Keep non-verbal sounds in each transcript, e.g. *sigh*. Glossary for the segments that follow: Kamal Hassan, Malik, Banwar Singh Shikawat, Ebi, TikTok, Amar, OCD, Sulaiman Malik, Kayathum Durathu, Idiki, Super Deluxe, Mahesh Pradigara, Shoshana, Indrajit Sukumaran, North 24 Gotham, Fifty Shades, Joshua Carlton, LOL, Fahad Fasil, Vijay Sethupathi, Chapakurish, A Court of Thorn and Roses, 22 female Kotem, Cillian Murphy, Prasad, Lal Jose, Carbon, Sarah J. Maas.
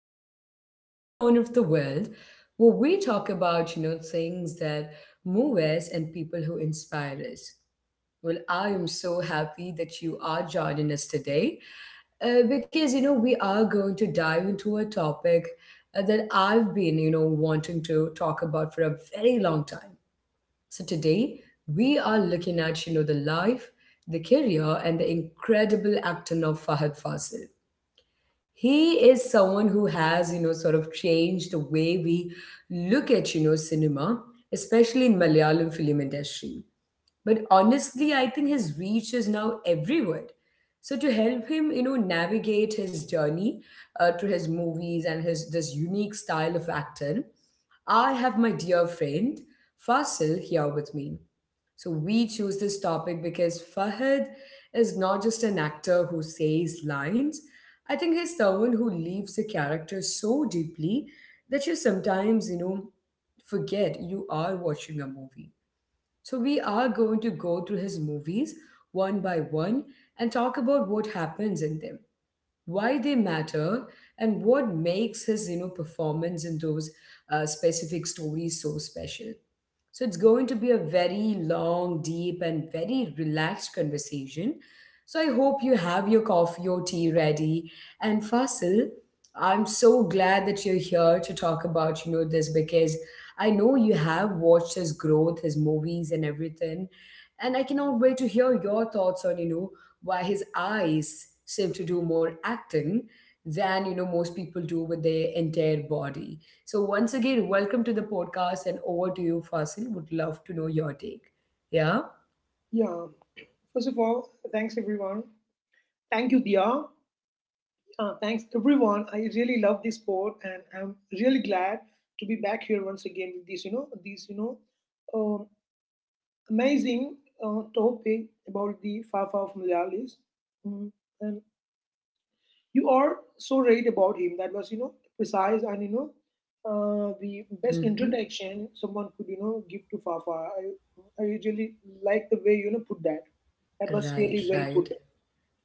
back to a little corner of the world where we talk about, things that move us and people who inspire us. Well, I am so happy that you are joining us today because, we are going to dive into a topic that I've been, wanting to talk about for a very long time. So today we are looking at, the life, the career, and the incredible acting of Fahad Fazil. He is someone who has sort of changed the way we look at cinema, especially in Malayalam film industry, but honestly, I think his reach is now everywhere. So to help him, navigate his journey, to his movies and his this unique style of acting, I have my dear friend Fasil here with me. So we choose this topic because Fahad is not just an actor who says lines. I think he's someone who leaves the character so deeply that you sometimes, forget you are watching a movie. So, we are going to go through his movies one by one and talk about what happens in them, why they matter, and what makes his performance in those specific stories so special. So it's going to be a very long, deep, and very relaxed conversation. So I hope you have your coffee or tea ready. And Fasil, I'm so glad that you're here to talk about, this because I know you have watched his growth, his movies and everything. And I cannot wait to hear your thoughts on, why his eyes seem to do more acting than, most people do with their entire body. So, once again, welcome to the podcast and over to you, Fasil. Would love to know your take. Yeah? Yeah. First of all, thanks everyone. Thank you, Dia. Thanks everyone. I really love this sport, and I'm really glad to be back here once again with this, you know, this, um, amazing topic about the Fafa of Malayalis. Mm, and you are so right about him. That was, you know, precise and you know, the best Mm-hmm. introduction someone could, you know, give to Fafa. I really like the way you know put that. That was Right, really well put. right.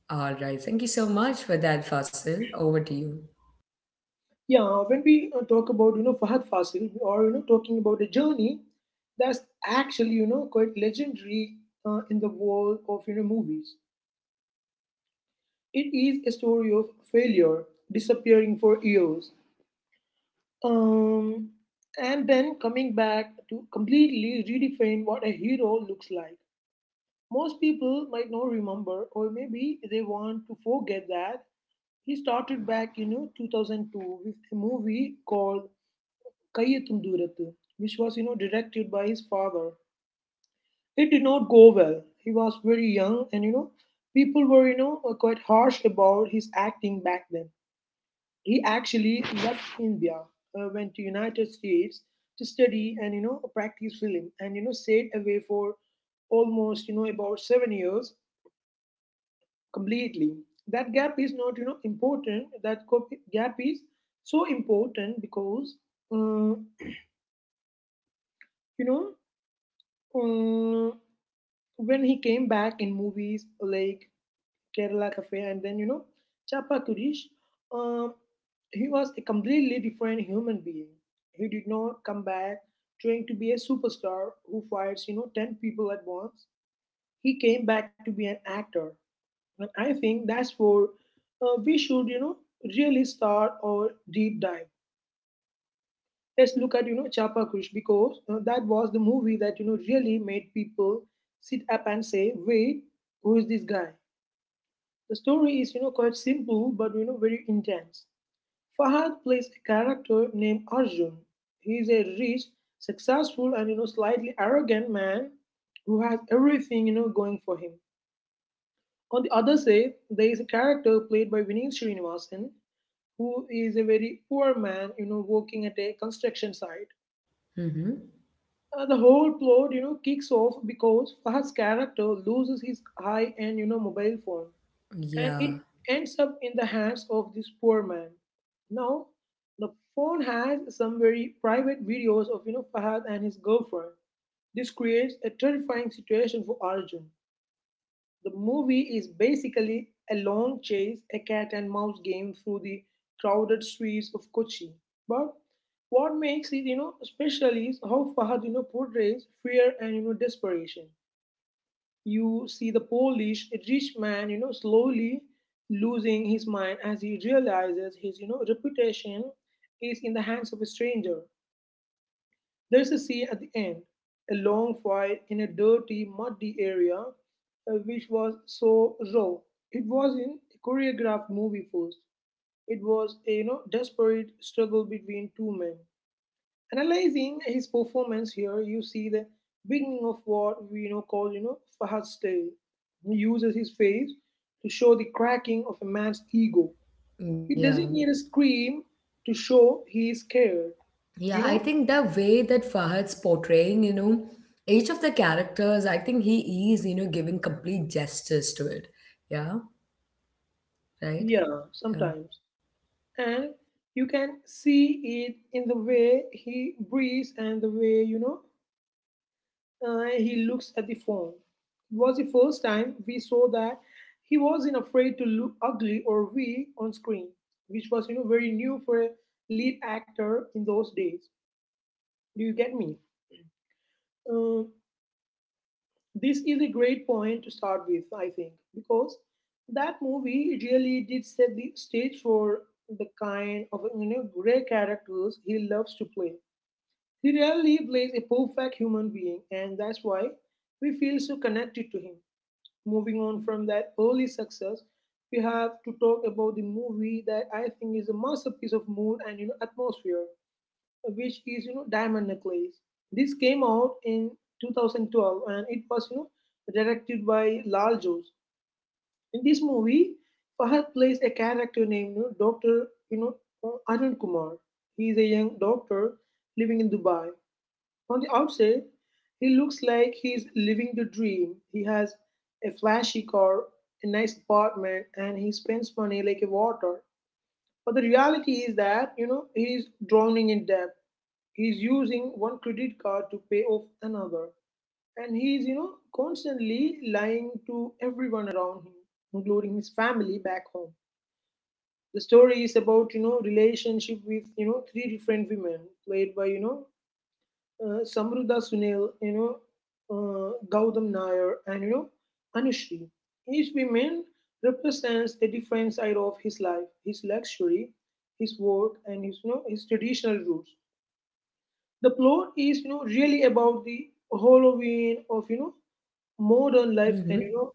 All right. Thank you so much for that, Fasil. Over to you. Yeah, when we talk about you know Fahad Fasil, or you know talking about a journey that's actually you know quite legendary in the world of you know movies. It is a story of failure, disappearing for years, um, and then coming back to completely redefine what a hero looks like. Most people might not remember, or maybe they want to forget that he started back you know 2002 with a movie called Kayathum Durathu, which was you know directed by his father. It did not go well. He was very young, and you know people were you know quite harsh about his acting back then. He actually left India, went to United States to study and you know practice film, and you know stayed away for almost you know about 7 years completely. That gap is not you know important. That gap is so important because uh, you know uh, when he came back in movies like Kerala Cafe and then you know Chapakurish, um, he was a completely different human being. He did not come back trying to be a superstar who fights you know ten people at once. He came back to be an actor, and I think that's where we should you know really start our deep dive. Let's look at you know Chapakurish because that was the movie that you know really made people sit up and say, wait, who is this guy? The story is, you know, quite simple but you know very intense. Fahad plays a character named Arjun. He is a rich, successful, and you know slightly arrogant man who has everything you know going for him. On the other side, there is a character played by Vineet Srinivasan who is a very poor man, you know, working at a construction site. Mm-hmm. The whole plot, you know, kicks off because Fahad's character loses his high-end, you know, mobile phone, and Yeah, it ends up in the hands of this poor man. Now, the phone has some very private videos of you know Fahad and his girlfriend. This creates a terrifying situation for Arjun. The movie is basically a long chase, a cat and mouse game through the crowded streets of Kochi. But what makes it you know special is how Fahad you know portrays fear and you know desperation. You see the Polish rich man, you know, slowly losing his mind as he realizes his, you know, reputation is in the hands of a stranger. There's a scene at the end, a long fight in a dirty, muddy area, which was so raw. It was in a choreographed movie first. It was a, you know, desperate struggle between two men. Analyzing his performance here, you see the beginning of what we you know call you know Fahad's tale. He uses his face to show the cracking of a man's ego. He yeah. doesn't need a scream to show he is scared. Yeah, You I know, think the way that Fahad's portraying, each of the characters, I think he is, giving complete justice to it. Yeah, right? yeah, Yeah. sometimes, and you can see it in the way he breathes and the way he looks at the phone. It was the first time we saw that he wasn't afraid to look ugly or weak on screen, which was you know very new for a lead actor in those days. Do you get me? Uh, this is a great point to start with, I think, because that movie really did set the stage for the kind of you know gray characters he loves to play. He rarely plays a perfect human being, and that's why we feel so connected to him. Moving on from that early success, we have to talk about the movie that I think is a masterpiece of mood and you know atmosphere, which is you know Diamond Necklace. This came out in 2012, and it was you know directed by Lal Jose. In this movie, Fahad plays a character named you know Doctor you know Arun Kumar. He is a young doctor living in Dubai. On the outside, he looks like he's living the dream. He has a flashy car, a nice apartment, and he spends money like a water. But the reality is that, you know, he's drowning in debt. He's using one credit card to pay off another. And he's, you know, constantly lying to everyone around him, including his family back home. The story is about, you know, relationship with, you know, three different women, played by, you know, Samruddha Sunil, you know, Gautam Nair, and you know, Anushree. Each woman represents a different side of his life, his luxury, his work, and his you know his traditional roots. The plot is you know really about the Halloween of you know modern life and you Mm-hmm. know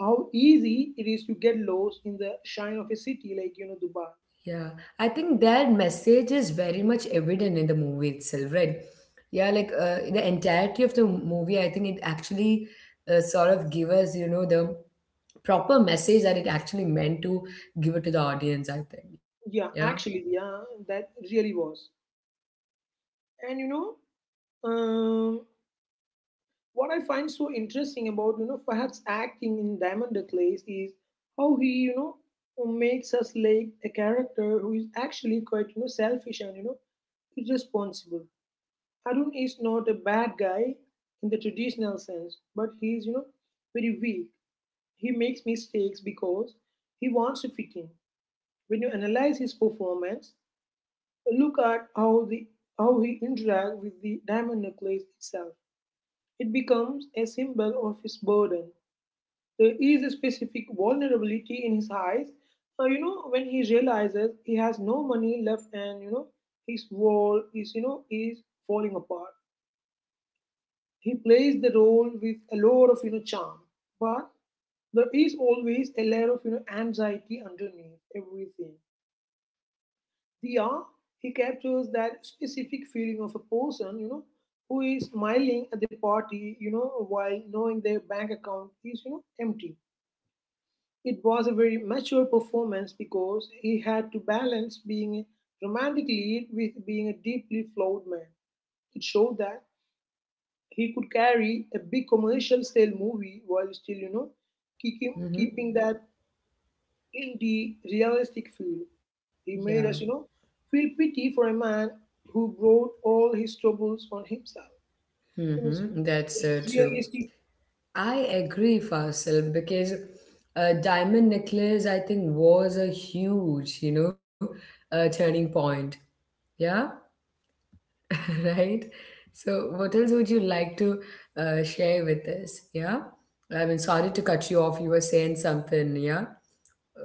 how easy it is to get lost in the shine of a city like you know Dubai. Yeah, I think that message is very much evident in the movie itself, right? Yeah, like the entirety of the movie, I think it actually sort of give us, the proper message that it actually meant to give it to the audience, I think. Yeah. Yeah, actually, yeah, that really was. And you know, um, what I find so interesting about you know Fahad's acting in Diamond Necklace is how he you know makes us like a character who is actually quite you know selfish and you know irresponsible. Harun is not a bad guy in the traditional sense, but he is you know very weak. He makes mistakes because he wants to fit in. When you analyze his performance, look at how the how he interacts with the diamond necklace itself. It becomes a symbol of his burden. There is a specific vulnerability in his eyes. You know, when he realizes he has no money left and, you know, his wall is, you know, is falling apart. He plays the role with a lot of, you know, charm. But there is always a layer of, you know, anxiety underneath everything. The he captures that specific feeling of a person, you know, who is smiling at the party, you know, while knowing their bank account is, you know, empty. It was a very mature performance because he had to balance being a romantic lead with being a deeply flawed man. It showed that he could carry a big commercial style movie while still, you know, keeping, Mm-hmm. keeping that indie realistic feel. He Yeah. made us, you know, feel pity for a man who brought all his troubles on himself. It was Mm-hmm. That's a true. realistic. I agree, Fasil, because Diamond Necklace, I think, was a huge, turning point. Yeah. *laughs* Right? So, what else would you like to share with us? Yeah? I mean, sorry to cut you off. You were saying something, yeah?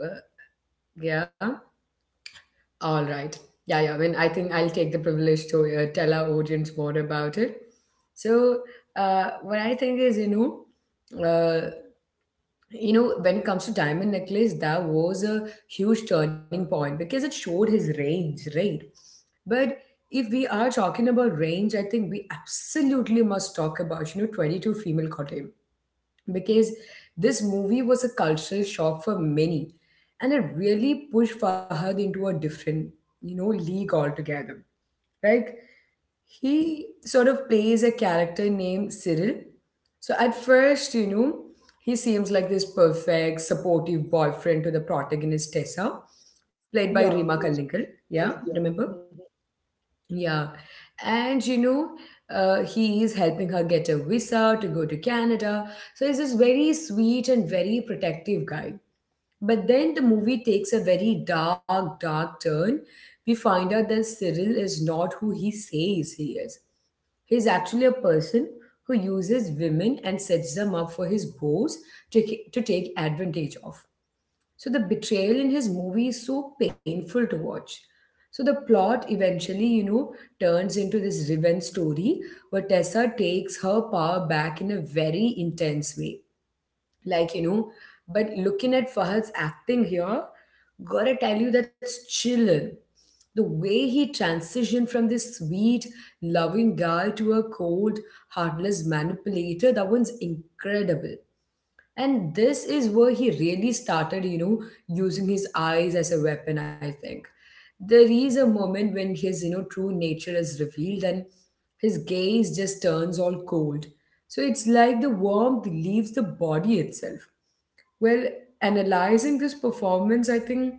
Uh, yeah? All right. Yeah, yeah. I mean, I think I'll take the privilege to tell our audience more about it. So, what I think is, when it comes to Diamond Necklace, that was a huge turning point because it showed his range, right? But if we are talking about range, I think we absolutely must talk about, 22 Female Kotem, because this movie was a cultural shock for many and it really pushed Fahad into a different, league altogether. Right? He sort of plays a character named Cyril. So at first, he seems like this perfect, supportive boyfriend to the protagonist Tessa, played by Yeah, Rima yes, Kallinkal. Yeah, yes, yeah. remember? Mhm. Yeah. And, he is helping her get a visa to go to Canada. So he's this very sweet and very protective guy. But then the movie takes a very dark, dark turn. We find out that Cyril is not who he says he is. He's actually a person who uses women and sets them up for his boss to, take advantage of. So the betrayal in his movie is so painful to watch. So the plot eventually, turns into this revenge story where Tessa takes her power back in a very intense way, like you know but looking at Fahad's acting here, gotta tell you that's chilling. The way he transitioned from this sweet, loving guy to a cold, heartless manipulator, that one's incredible. And this is where he really started using his eyes as a weapon, I think. There is a moment when his true nature is revealed and his gaze just turns all cold. So it's like the warmth leaves the body itself. Well, analyzing this performance, I think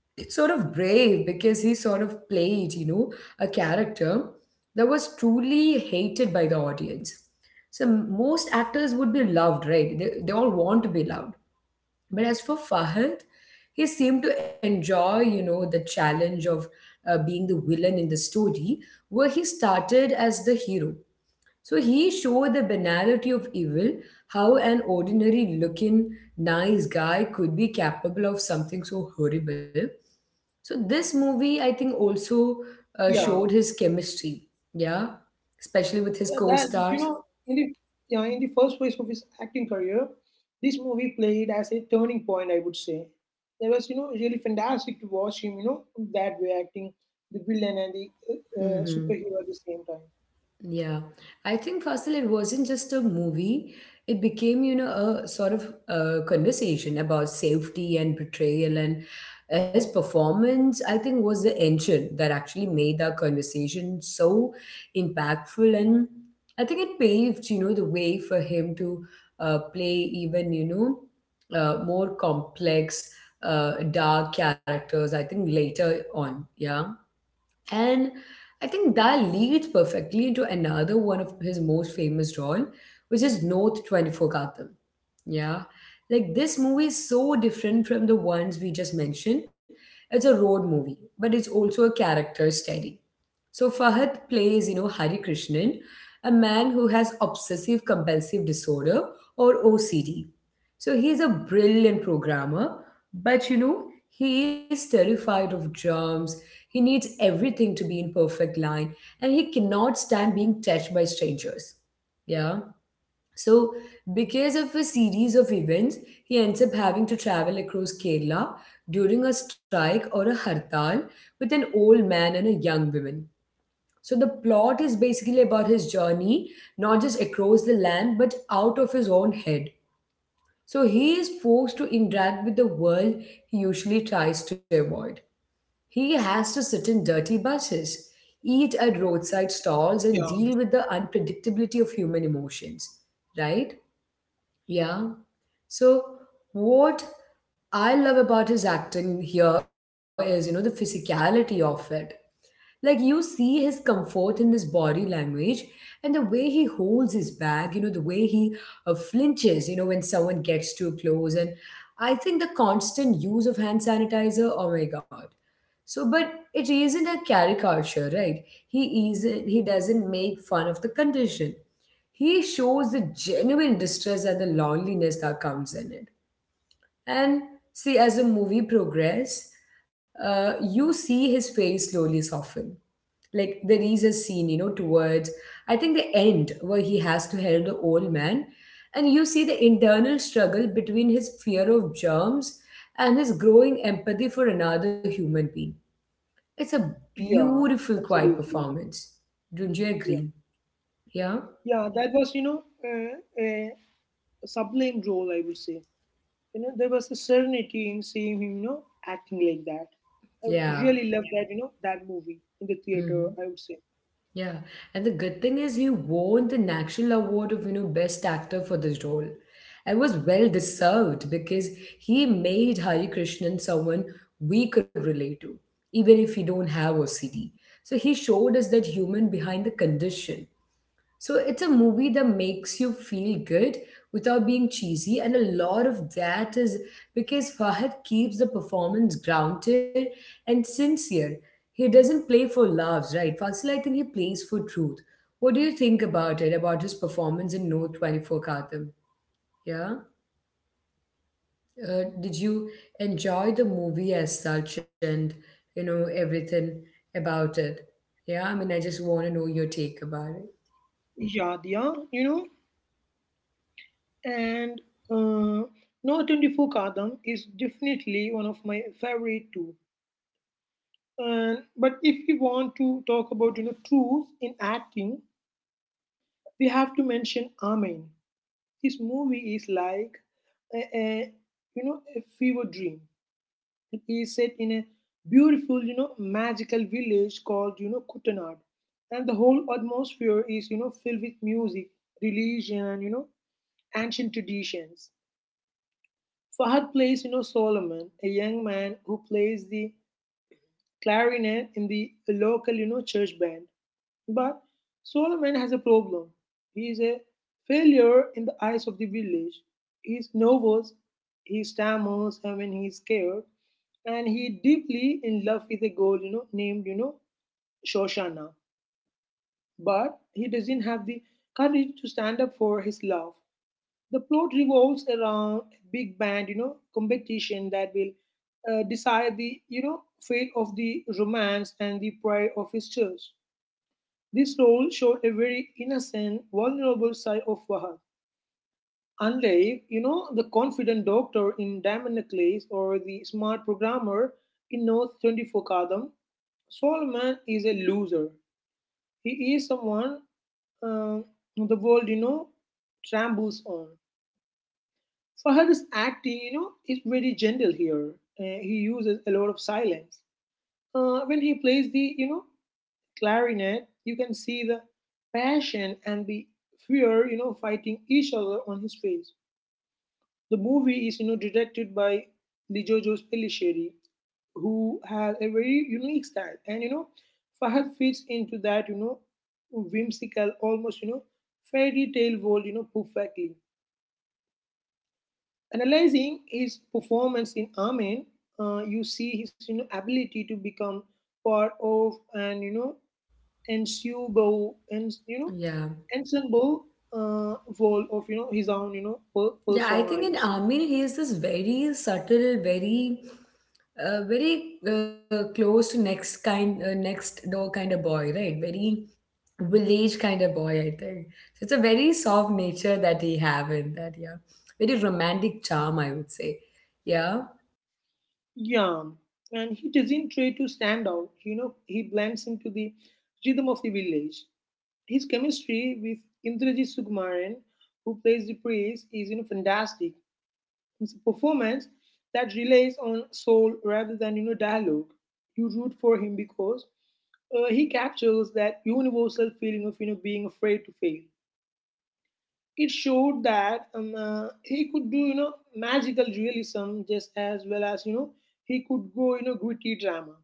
it's sort of brave because he sort of played, a character that was truly hated by the audience. So most actors would be loved, right? They all want to be loved. But as for Fahad, he seemed to enjoy, the challenge of being the villain in the story, where he started as the hero. So he showed the banality of evil, how an ordinary looking nice guy could be capable of something so horrible. So this movie, I think, also Yeah, showed his chemistry, yeah, especially yeah, with his that you know, co-stars. in the you know, in the first phase of his acting career, this movie played as a turning point. I would say that was you know really fantastic to watch him. You know that way acting the villain and the superhero at the same time. Yeah, I think Fasil, it wasn't just a movie. It became, a sort of conversation about safety and betrayal, and his performance, I think, was the engine that actually made that conversation so impactful. And I think it paved, the way for him to play even, more complex, dark characters, I think, later on. Yeah. And I think that leads perfectly into another one of his most famous role, which is North 24 Gotham. Yeah. Like this movie is so different from the ones we just mentioned. It's a road movie, but it's also a character study. So Fahad plays, Hari Krishnan, a man who has obsessive compulsive disorder, or OCD. So he's a brilliant programmer, but he is terrified of germs. He needs everything to be in perfect line and he cannot stand being touched by strangers. Yeah. So because of a series of events, he ends up having to travel across Kerala during a strike or a hartal with an old man and a young woman. So the plot is basically about his journey, not just across the land, but out of his own head. So he is forced to interact with the world he usually tries to avoid. He has to sit in dirty buses, eat at roadside stalls, Yeah, and deal with the unpredictability of human emotions, right? Yeah. So what I love about his acting here is, the physicality of it. Like you see his comfort in his body language and the way he holds his bag, the way he flinches, when someone gets too close. And I think the constant use of hand sanitizer, oh my God. So, but it isn't a caricature, right? He doesn't make fun of the condition. He shows the genuine distress and the loneliness that comes in it. And see, as the movie progress, you see his face slowly soften. Like there is a scene, towards I think the end where he has to help the old man, and you see the internal struggle between his fear of germs and his growing empathy for another human being. It's a yeah, beautiful, quiet absolutely. performance. Don't you Yeah, agree? Yeah, yeah, that was you know a sublime role. I would say you know there was a serenity in seeing him you know acting like that. I yeah. really love that you know that movie in the theater. Mm-hmm. I would say Yeah, and the good thing is he won the National Award of Best Actor for this role. It was well deserved because he made Hari Krishnan someone we could relate to, even if we don't have OCD. So he showed us that human behind the condition. So it's a movie that makes you feel good without being cheesy, and a lot of that is because Fahad keeps the performance grounded and sincere. He doesn't play for laughs, right? Fasil, I think he plays for truth. What do you think about it, about his performance in No 24 Katham? Yeah? Did you enjoy the movie as such and, everything about it? Yeah, I mean, I just want to know your take about it. Yadia, you know, and uh, Notendifu Kadam is definitely one of my favorite too. And but if we want to talk about you know truth in acting, we have to mention Amen. This movie is like a you know a fever dream. It is set in a beautiful you know magical village called you know Kutanad, and the whole atmosphere is you know filled with music, religion, and you know ancient traditions. Fahad plays, you know, Solomon, a young man who plays the clarinet in the local, you know, church band. But Solomon has a problem. He is a failure in the eyes of the village. He is nervous, he stammers when he is scared, and he deeply in love with a girl, you know, named, you know, Shoshana. But he doesn't have the courage to stand up for his love. The plot revolves around a big band, you know, competition that will decide the, you know, fate of the romance and the pride of his church. This role showed a very innocent, vulnerable side of Wahab. Unlike, you know, the confident doctor in Diamond Necklace or the smart programmer in North 24 Kadam, Solomon is a loser. He is someone uh, the world, you know, trambles on. Fahad's acting, you know, is very gentle here. He uses a lot of silence. When he plays the, you know, clarinet, you can see the passion and the fear, you know, fighting each other on his face. The movie is directed by Lijojo Pellicheri, who has a very unique style. And Fahad fits into that whimsical, almost fairy tale world perfectly. Analyzing his performance in Amen, you see his ability to become part of and ensemble and Yeah. ensemble uh, role of his own Yeah, I persona. I think in would say. Amir, he is this very subtle, very close to next door kind of boy, right? Very village kind of boy, I think. So it's a very soft nature that he have in that, yeah. Very romantic charm, I would say. Yeah. Yeah, and he doesn't try to stand out. He blends into the rhythm of the village. His chemistry with Indrajit Sukumaran, who plays the priest, is fantastic. It's a performance that relies on soul rather than dialogue. You root for him because he captures that universal feeling of being afraid to fail. It showed that he could do magical realism just as well as he could go gritty drama.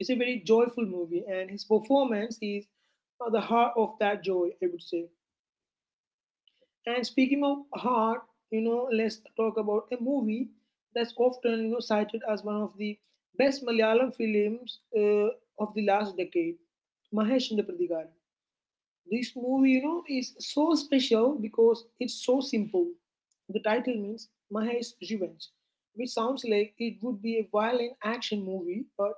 It's a very joyful movie, and his performance is the heart of that joy, I would say. And speaking of heart, let's talk about a movie that's often cited as one of the best Malayalam films of the last decade, Mahesh Pradigara. This movie is so special because it's so simple. The title means Mahesh's Revenge, which sounds like it would be a violent action movie, but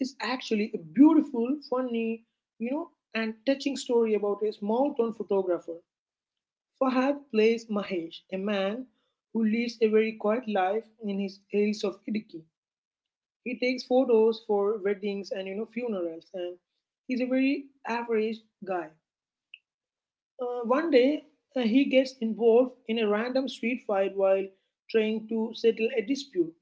it's actually a beautiful, funny, you know, and touching story about a small town photographer. Fahad plays Mahesh, a man who leads a very quiet life in his hills of Idiki. He takes photos for weddings and funerals, and he's a very average guy. One day, he gets involved in a random street fight while trying to settle a dispute,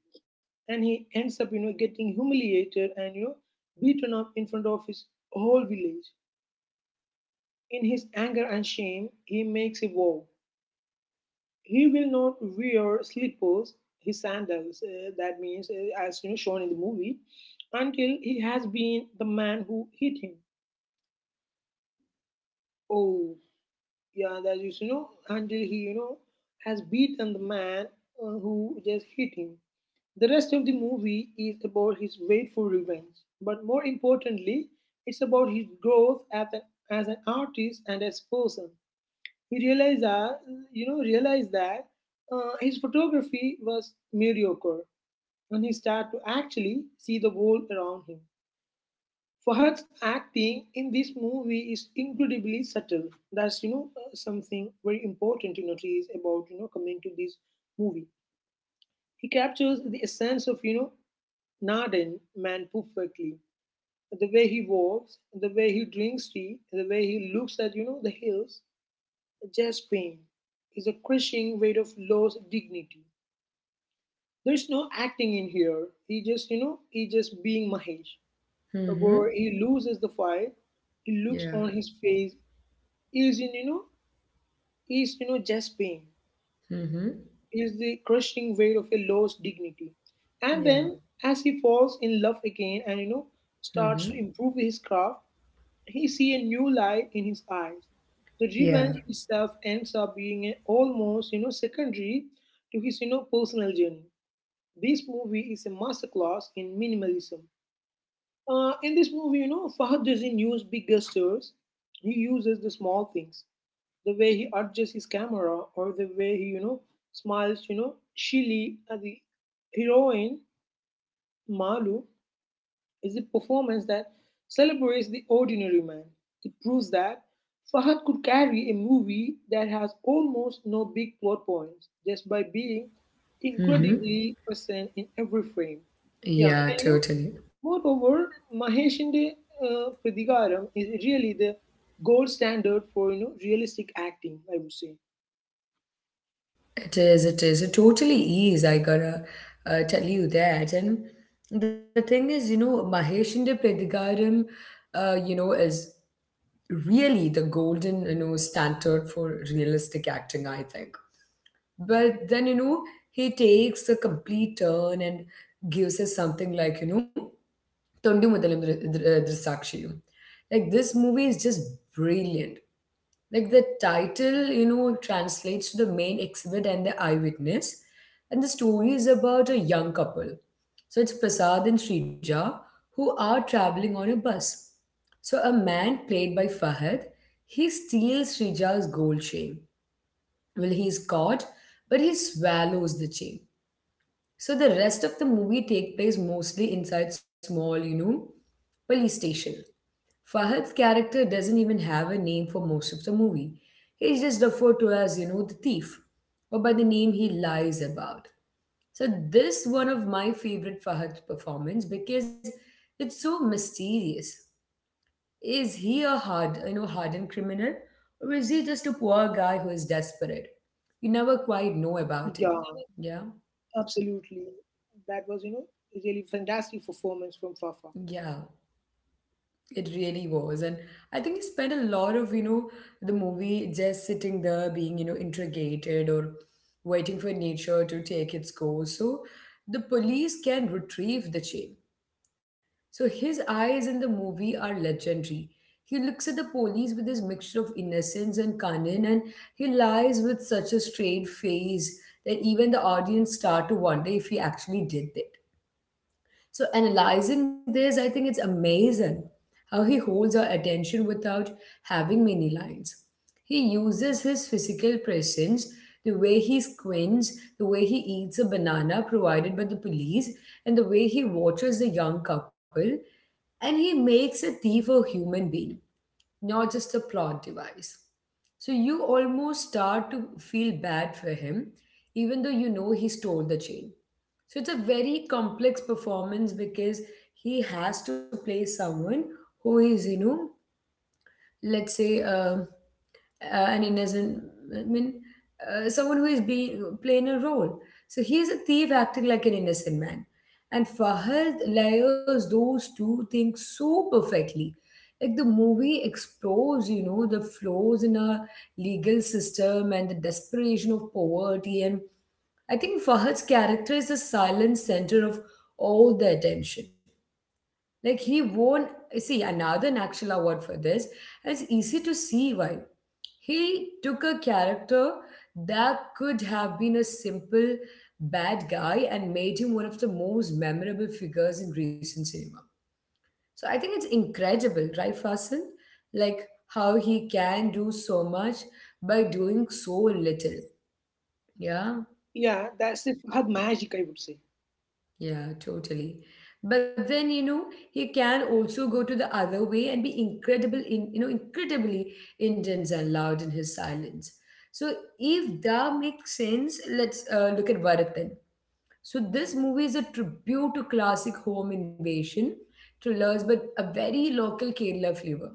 and he ends up getting humiliated and beaten up in front of his whole village. In his anger and shame, he makes a vow. He will not wear slippers, his sandals, that means, as you know, shown in the movie, until he has been the man who hit him. Oh, yeah, that is, you know, until he, you know, has beaten the man who just hit him. The rest of the movie is about his wait for revenge, but more importantly, it's about his growth as as an artist and as a person. He realized that his photography was mediocre when he started to actually see the world around him. Fahad's acting in this movie is incredibly subtle. That's something very important to notice about coming to this movie. He captures the essence of Naden man perfectly. The way he walks, the way he drinks tea, the way he looks at the hills, just pain is a crushing weight of lost dignity. There's no acting in here. He just he just being Mahesh. Mm-hmm. Where he loses the fight, he looks Yeah. on his face, he is in, you know, he is, you know, just pain, Mm-hmm. he is the crushing weight of a lost dignity. And Yeah. then as he falls in love again and Mm-hmm. starts to improve his craft, he see a new light in his eyes. The Yeah. revenge itself ends up being a, almost secondary to his personal journey. This movie is a masterclass in minimalism. In this movie, Fahad doesn't use big gestures. He uses the small things. The way he adjusts his camera or the way he smiles, you know, Shili, the heroine, Malu, is a performance that celebrates the ordinary man. It proves that Fahad could carry a movie that has almost no big plot points just by being Mm-hmm. incredibly present in every frame. Yeah, Yeah, and totally. moreover, Maheshinde Pradhigaram is really the gold standard for realistic acting, I would say. It is, it is. It totally is. I gotta tell you that. And the thing is, Maheshinde Pradigaram, is really the golden, standard for realistic acting, I think. But then, he takes a complete turn and gives us something like, Tondu Mudalam Drisakshiyum. Like, this movie is just brilliant. Like the title, translates to the main exhibit and the eyewitness. And the story is about a young couple. So it's Prasad and Srija who are traveling on a bus. So a man played by Fahad, he steals Srija's gold chain. Well, he's caught, but he swallows the chain. So the rest of the movie take place mostly inside small, police station. Fahad's character doesn't even have a name for most of the movie. He's just referred to as, the thief, or by the name he lies about. So this one of my favorite Fahad performance because it's so mysterious. Is he a hardened criminal, or is he just a poor guy who is desperate? You never quite know Yeah, about it. Yeah, absolutely. That was really fantastic performance from Fafa. yeah. It really was. And I think he spent a lot of, the movie just sitting there being, interrogated or waiting for nature to take its course. So the police can retrieve the chain. So his eyes in the movie are legendary. He looks at the police with this mixture of innocence and cunning, and he lies with such a straight face that even the audience start to wonder if he actually did this. So analyzing this, I think it's amazing how he holds our attention without having many lines. He uses his physical presence, the way he squints, the way he eats a banana provided by the police, and the way he watches the young couple, and he makes a thief a human being, not just a plot device. So you almost start to feel bad for him, even though you know he stole the chain. So it's a very complex performance because he has to play someone who is, let's say an innocent, I mean, someone who is being playing a role. So he is a thief acting like an innocent man, and Fahad layers those two things so perfectly. Like the movie explores, the flaws in our legal system and the desperation of poverty, and I think Fahad's character is the silent center of all the attention. Like he won, see, another National Award for this. It's easy to see why. He took a character that could have been a simple bad guy and made him one of the most memorable figures in recent cinema. So I think it's incredible, right, Fasil? Like how he can do so much by doing so little. Yeah. Yeah, that's it. Had magic, I would say. Yeah, totally. But then, he can also go to the other way and be incredible in, incredibly intense and loud in his silence. So if that makes sense, let's look at Bharat then. So this movie is a tribute to classic home invasion thrillers, but a very local Kerala flavor.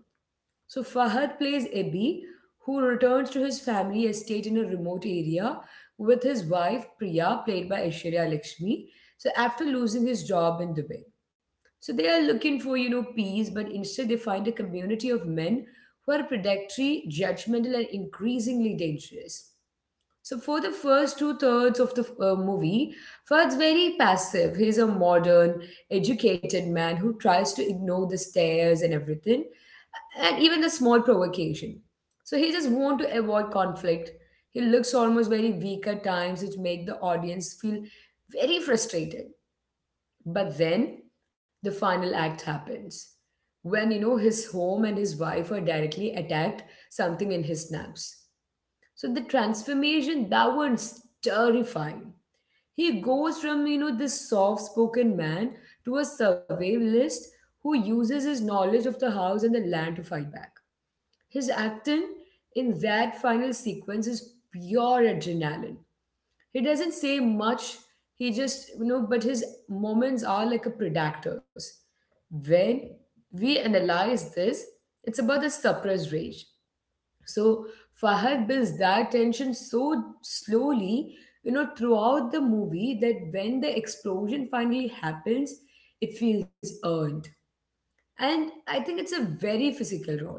So Fahad plays Ebi, who returns to his family estate in a remote area with his wife Priya, played by Aishwarya Lakshmi. So after losing his job in Dubai. So they are looking for, peace, but instead they find a community of men who are predatory, judgmental, and increasingly dangerous. So for the first two-thirds of the movie, Ferd's very passive. He's a modern, educated man who tries to ignore the stares and everything, and even the small provocation. So he just wants to avoid conflict. He looks almost very weak at times, which make the audience feel very frustrated. But then the final act happens when his home and his wife are directly attacked, something in his snaps. So the transformation that was terrifying. He goes from this soft-spoken man to a survivalist who uses his knowledge of the house and the land to fight back. His acting in that final sequence is pure adrenaline. He doesn't say much. He just but his moments are like a predators. When we analyze this, it's about the suppressed rage. So Fahad builds that tension so slowly, throughout the movie that when the explosion finally happens, it feels earned. And I think it's a very physical role.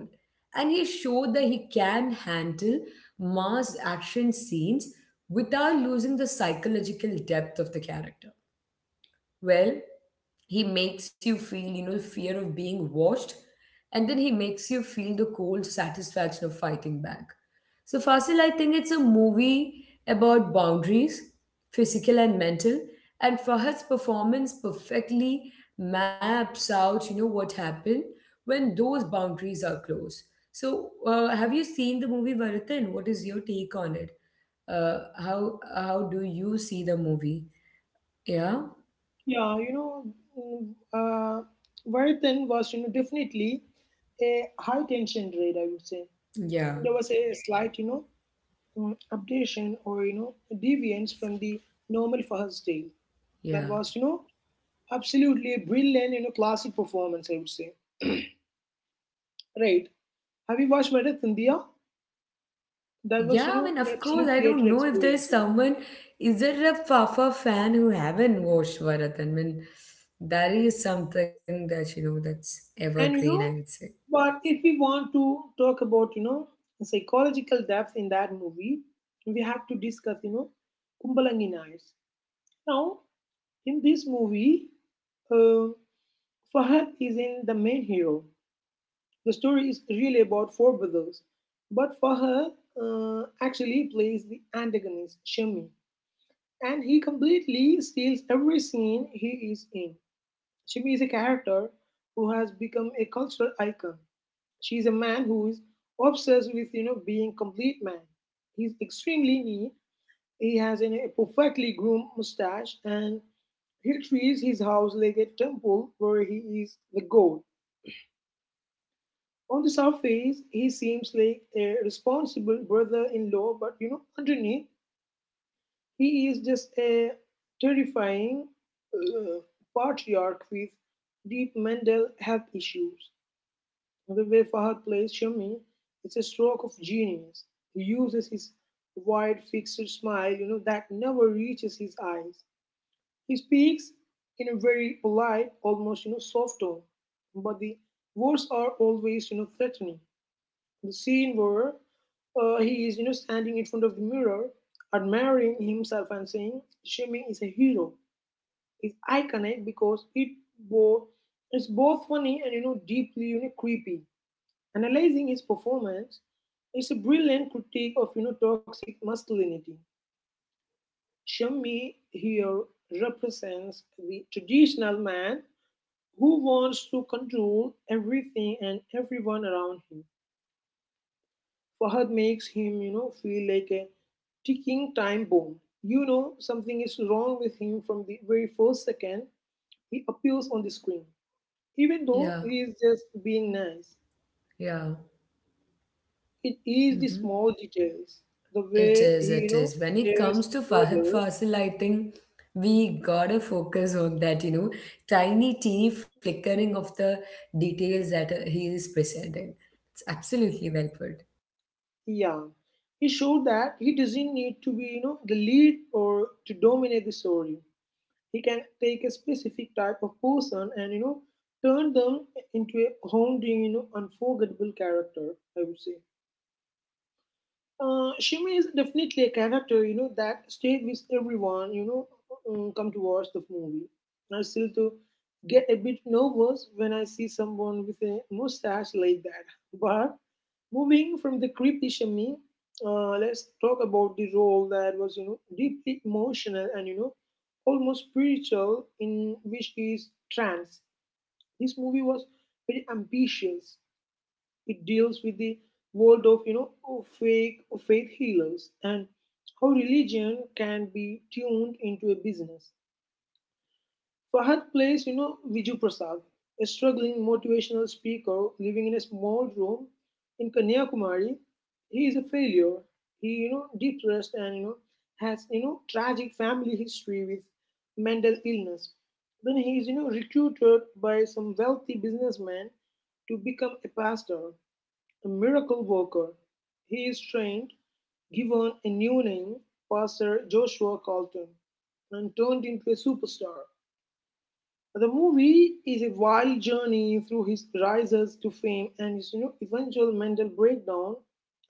And he showed that he can handle mass action scenes without losing the psychological depth of the character. Well, he makes you feel fear of being watched, and then he makes you feel the cold satisfaction of fighting back. So, Fasil, I think it's a movie about boundaries, physical and mental, and Fahad's performance perfectly maps out what happened when those boundaries are closed. So have you seen the movie Varathan? What is your take on it? How do you see the movie? Yeah. Yeah, mm, uh, Vardhan was definitely a high tension rate, I would say. Yeah, There was a slight updation or deviance from the normal Fahad's tale. That yeah. was absolutely a brilliant classic performance, I would say. Right. Have you watched Vedha Thandiya? That was, you Yeah, I mean, know, of course, absolute I don't creative know if there is experience. someone. Is there a Fafa fan who haven't watched Bharat? I mean, that is something that that's And evergreen. you I know, would say. but if we want to talk about the psychological depth in that movie, we have to discuss Kumbalangi Nights. Now, in this movie, uh, Fahad is in the main hero. The story is really about four brothers, but Fahad actually plays the antagonist, Shami, and he completely steals every scene he is in. Shibi is a character who has become a cultural icon. She is a man who is obsessed with being complete man. He's extremely neat. He has a perfectly groomed mustache and he treats his house like a temple where he is the god. On the surface, he seems like a responsible brother-in-law, but underneath, he is just a terrifying uh, patriarch with deep mental health issues. The way Fahad plays Shami is a stroke of genius. He uses his wide fixed smile that never reaches his eyes. He speaks in a very polite, almost, you know, soft tone, but the words are always threatening. The scene where he is, you know, standing in front of the mirror, admiring himself and saying, "Shimmy is a hero," is iconic because both it's both funny and deeply creepy. Analyzing his performance, it's a brilliant critique of toxic masculinity. Shimmy here represents the traditional man who wants to control everything and everyone around him. Fahad makes him feel like a ticking time bomb. You know something is wrong with him from the very first second he appears on the screen. Even though Yeah, he is just being nice, yeah. it is the Mm-hmm. small details, the It way heis. It is. When it shares comes the to Fahad brothers. Fasil, I think we gotta focus on that. Tiny, teeny flickering of the details that he is presenting. It's absolutely well put. Yeah, he showed that he doesn't need to be the lead or to dominate the story. He can take a specific type of person and turn them into a haunting unforgettable character, I would say. Uh, Shima is definitely a character, you know, that stayed with everyone, you know, come to watch the movie. I still to get a bit nervous when I see someone with a mustache like that. But moving from the creepy Shami, let's talk about the role that was deeply emotional and almost spiritual in which is Trance. This movie was very ambitious. It deals with the world of fake faith healers and how religion can be tuned into a business. Fahad plays Viju Prasad, a struggling motivational speaker living in a small room in Kanyakumari. He is a failure. He depressed and has tragic family history with mental illness. Then he is recruited by some wealthy businessman to become a pastor, a miracle worker. He is trained, given a new name, Pastor Joshua Carlton, and turned into a superstar. The movie is a wild journey through his rises to fame and his, you know, eventual mental breakdown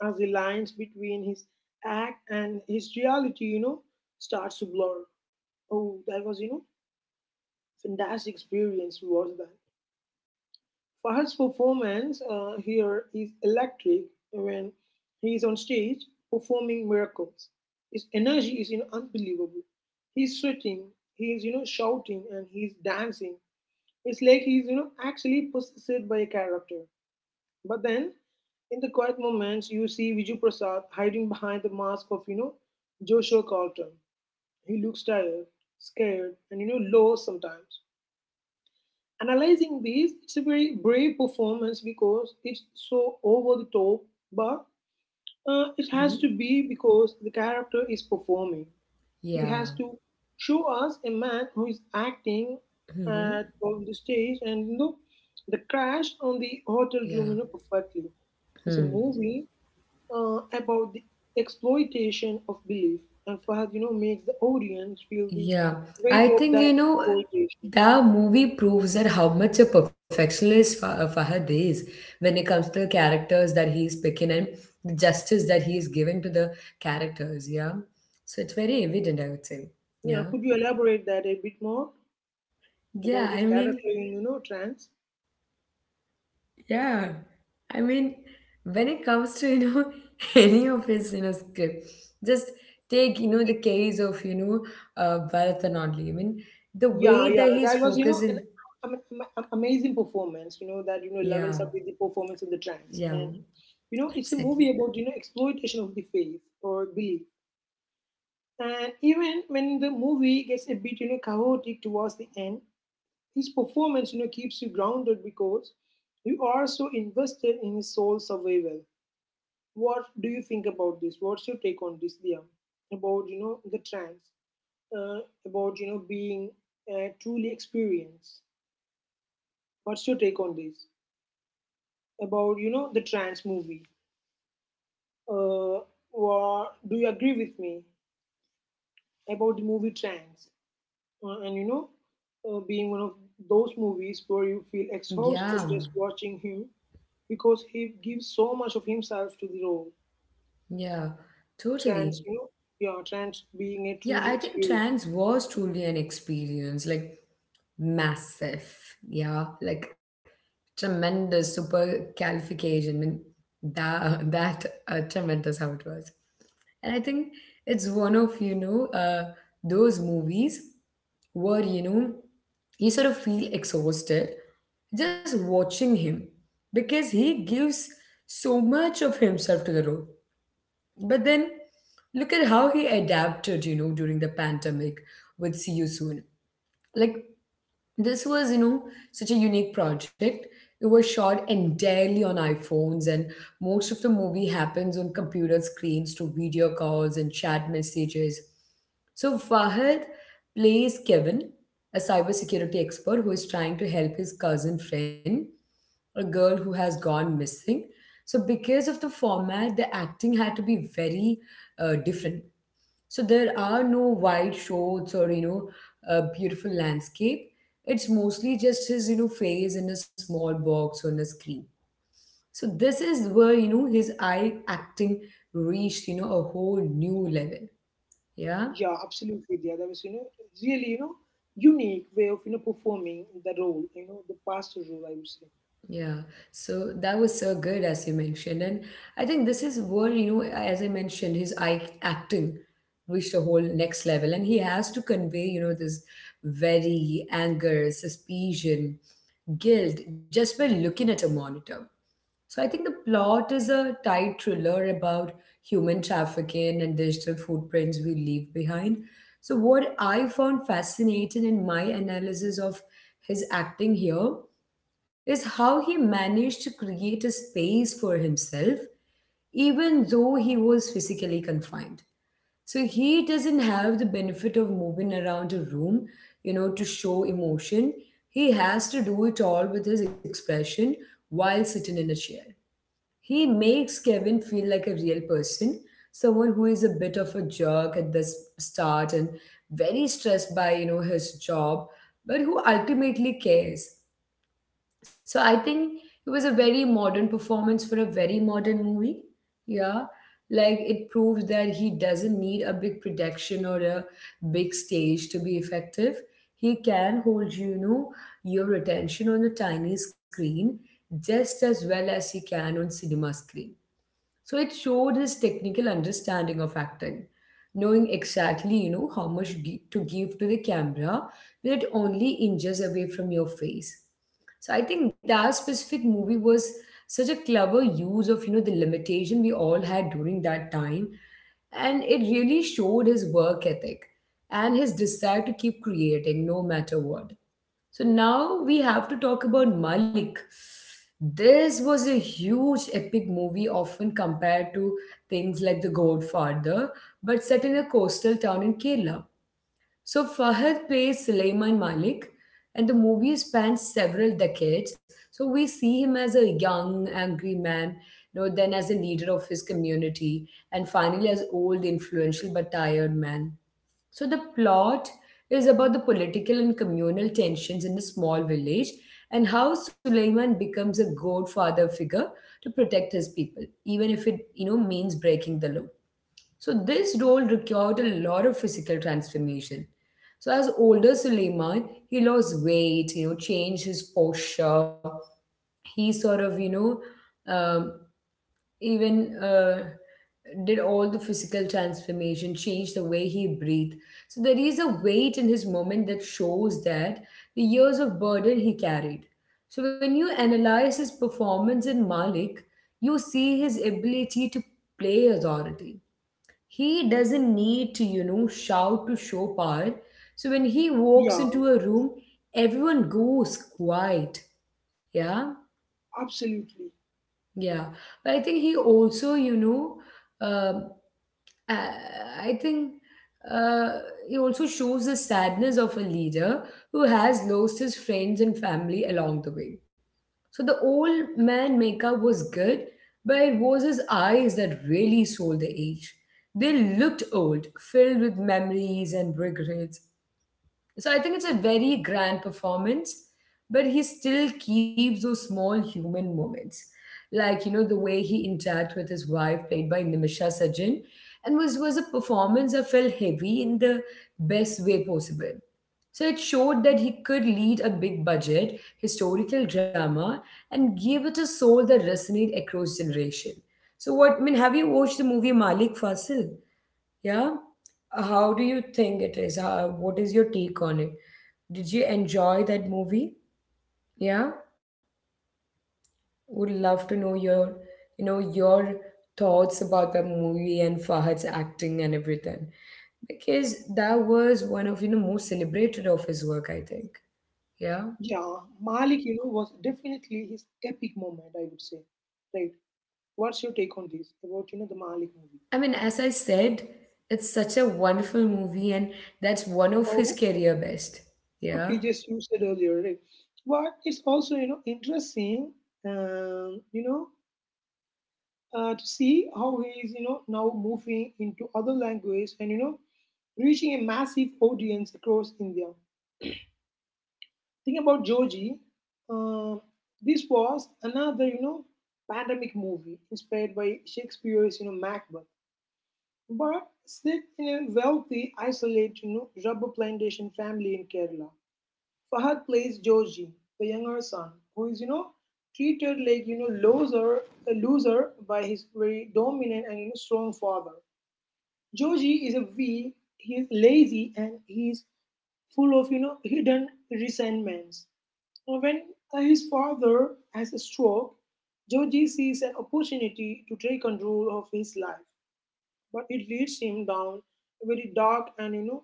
as the lines between his act and his reality starts to blur. Oh, that was, you know, fantastic experience was that. Fahad's performance here is electric when he is on stage performing miracles. His energy is, you know, unbelievable. He's sweating, he's shouting, and he's dancing. It's like he's actually possessed by a character. But then, in the quiet moments, you see Viju Prasad hiding behind the mask of Joshua Carlton. He looks tired, scared, and low sometimes. Analyzing these, it's a very brave performance because it's so over the top, but it has Mm-hmm. to be because the character is performing. He Yeah. has to show us a man who is acting Mm-hmm. at on the stage and the crash on the hotel Yeah. room perfectly. It's a Hmm. movie about the exploitation of belief, and Fahad, makes the audience feel the Yeah, weight I of think that exploitation. the movie proves that how much a perfectionist Fahad is when it comes to the characters that he is picking and the justice that he is giving to the characters. Yeah, so it's very evident, I would say. Yeah, Yeah, could you elaborate that a bit more? About yeah. I his mean, character in trance. yeah. I mean, when it comes to *laughs* any of his script, just take the case of Bharathan only. I mean, the yeah way yeah that he's that was an focusing. am- am- amazing performance you know that you know Yeah. levels up with the performance in the Yeah, trance, and it's a exactly. movie about exploitation of the faith or belief. And even when the movie gets a bit chaotic towards the end, his performance keeps you grounded because you are so invested in his soul survival. What do you think about this? What's your take on this, Liam? About the trance, uh, about being truly experienced. What's your take on this about the trans movie? Uh, or do you agree with me about the movie Trans? Uh, and you know, Being one of those movies where you feel Yeah, exhausted just watching him because he gives so much of himself to the role. yeah, totally. Trans, yeah, trans being a Yeah, truly I think experienced. trans was truly an experience, like massive. Yeah, like tremendous supercalification, and that *laughs* that tremendous how it was. And I think it's one of, those movies where, you sort of feel exhausted just watching him because he gives so much of himself to the role. But then look at how he adapted, during the pandemic with See You Soon. Like, this was, such a unique project. It was shot entirely on iPhones, and most of the movie happens on computer screens through video calls and chat messages. So Fahad plays Kevin, a cybersecurity expert who is trying to help his cousin friend, a girl who has gone missing. So because of the format, the acting had to be very different. So there are no wide shots or a beautiful landscape. It's mostly just his face in a small box on a screen. So this is where his eye acting reached a whole new level. Yeah. Yeah, absolutely, Dia. That was, really, unique way of, performing the role, the pastor role, I would say. Yeah, so that was so good as you mentioned, and I think this is where as I mentioned, his eye acting reached a whole next level, and he has to convey this very anger, suspicion, guilt just by looking at a monitor. So I think the plot is a tight thriller about human trafficking and digital footprints we leave behind. So what I found fascinating in my analysis of his acting here is how he managed to create a space for himself even though he was physically confined. So he doesn't have the benefit of moving around a room, to show emotion. He has to do it all with his expression while sitting in a chair. He makes Kevin feel like a real person, someone who is a bit of a jerk at the start and very stressed by, his job, but who ultimately cares. So I think it was a very modern performance for a very modern movie. Yeah. Like it proves that he doesn't need a big production or a big stage to be effective. He can hold your attention on a tiny screen just as well as he can on cinema screen. So it showed his technical understanding of acting, knowing exactly, how much to give to the camera when it only inches away from your face. So I think that specific movie was such a clever use of, the limitation we all had during that time. And it really showed his work ethic and his desire to keep creating no matter what. So now we have to talk about Malik. This was a huge epic movie, often compared to things like The Godfather, but set in a coastal town in Kerala. So Fahad plays Sulaiman Malik, and the movie spans several decades. So we see him as a young, angry man, then as a leader of his community, and finally as old, influential but tired man. So the plot is about the political and communal tensions in a small village and how Suleiman becomes a godfather figure to protect his people, even if it means breaking the law. So this role required a lot of physical transformation. So as older Suleiman, he lost weight, changed his posture, he sort of um, even did all the physical transformation change the way he breathed. So there is a weight in his moment that shows that the years of burden he carried. So when you analyze his performance in malik, you see his ability to play authority. He doesn't need to shout to show power. So when he walks Yeah, into a room, everyone goes quiet. Yeah, absolutely. yeah. But I think he also um uh, I think uh, it also shows the sadness of a leader who has lost his friends and family along the way. So the old man makeup was good, but it was his eyes that really sold the age. They looked old, filled with memories and regrets. So I think it's a very grand performance, but he still keeps those small human moments. Like, you know, the way he interact with his wife, played by Nimisha Sajjan, and was a performance that felt heavy in the best way possible. So it showed that he could lead a big budget, historical drama, and give it a soul that resonate across generation. So what I mean, have you watched the movie Malik Fasil? Yeah? How do you think it is? How, what is your take on it? Did you enjoy that movie? Yeah, would love to know your thoughts about the movie and Fahad's acting and everything, because that was one of most celebrated of his work, I think. Yeah, Yeah, Malik, was definitely his epic moment, I would say. Right. What's your take on this about, the Malik movie? I mean, as I said, it's such a wonderful movie, and that's one of his Oh, career best. okay, Yeah, just you said earlier, right? But it's also, interesting, um, you know, to see how he is, now moving into other language and, reaching a massive audience across India. Think about Joji. Uh, this was another, pandemic movie inspired by Shakespeare's, Macbeth, but set in a wealthy, isolated, rubber plantation family in Kerala. Fahad plays Joji, the younger son, who is, treated like, loser, a loser by his very dominant and strong father. Georgie is a weak, he's lazy, and he's full of, hidden resentments. When his father has a stroke, Georgie sees an opportunity to take control of his life, but it leads him down a very dark and,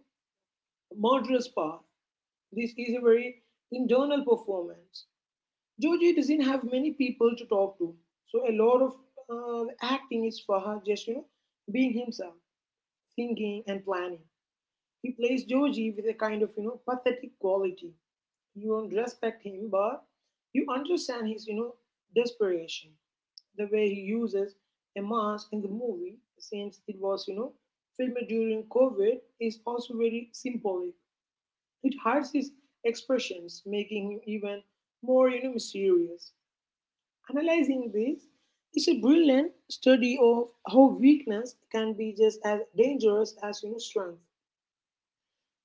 murderous path. This is a very internal performance. Georgie doesn't have many people to talk to, so a lot of acting is for her just, being himself, thinking and planning. He plays Georgie with a kind of, pathetic quality. You don't respect him, but you understand his, desperation. The way he uses a mask in the movie, since it was, filmed during COVID, is also very symbolic. It hides his expressions, making him even more, mysterious. Analyzing this is a brilliant study of how weakness can be just as dangerous as, strength.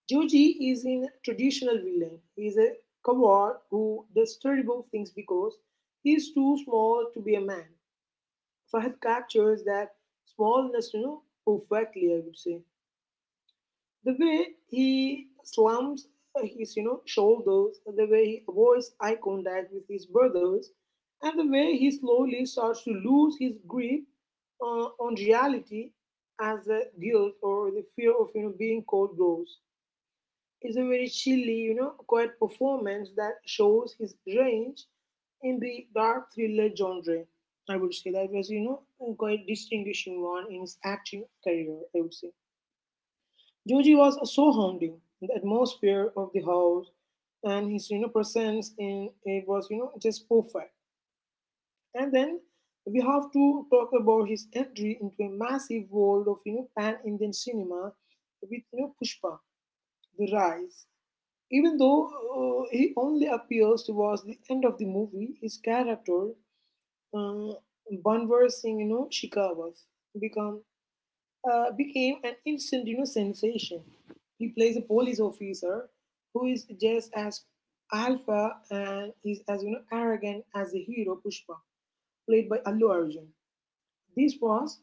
Joji is in traditional villain. He is a coward who does terrible things because he is too small to be a man. Fahad captures that smallness, perfectly, I would say. The way he slumps his, shoulders, the way he avoids eye contact with his brothers, and the way he slowly starts to lose his grip on reality as the guilt or the fear of, being caught grows is a very chilly, quiet performance that shows his range in the dark thriller genre. I would say that was, a quite distinguishing one in his acting career, I would say. Joji was so haunting. The atmosphere of the house and his, presence in it was, just perfect. And then we have to talk about his entry into a massive world of, pan-Indian cinema with, Pushpa, The Rise, even though he only appears towards the end of the movie, his character, uh, Banwar Singh, Shikawat, become, became an instant, sensation. He plays a police officer who is just as alpha and is as arrogant as the hero Pushpa, played by Allu Arjun. This was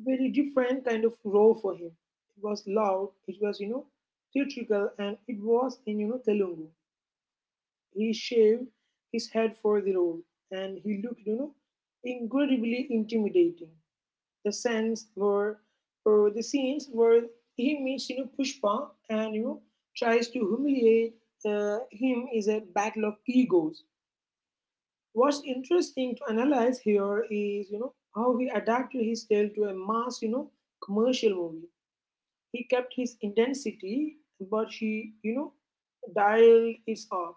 a very different kind of role for him. It was loud, it was theatrical, and it was in Telugu. He shaved his head for the role, and he looked, incredibly intimidating. The scenes were, the scenes where he meets, Pushpa and tries to humiliate him is a battle of egos. What's interesting to analyze here is, how he adapted his tale to a mass, commercial movie. He kept his intensity, but he, dialed it up.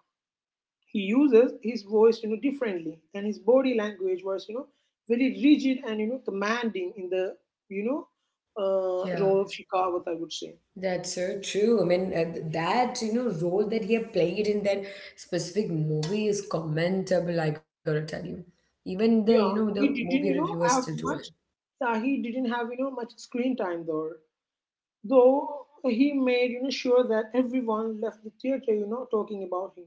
He uses his voice differently, and his body language was very rigid and commanding in the you know yeah. role of Shikawat, I would say. That's so true. I mean, that role that he had played in that specific movie is commendable. I gotta tell you, even the Yeah, he the didn't you movie know have reviewers still do much it. He didn't have much screen time, though he made sure that everyone left the theater talking about him.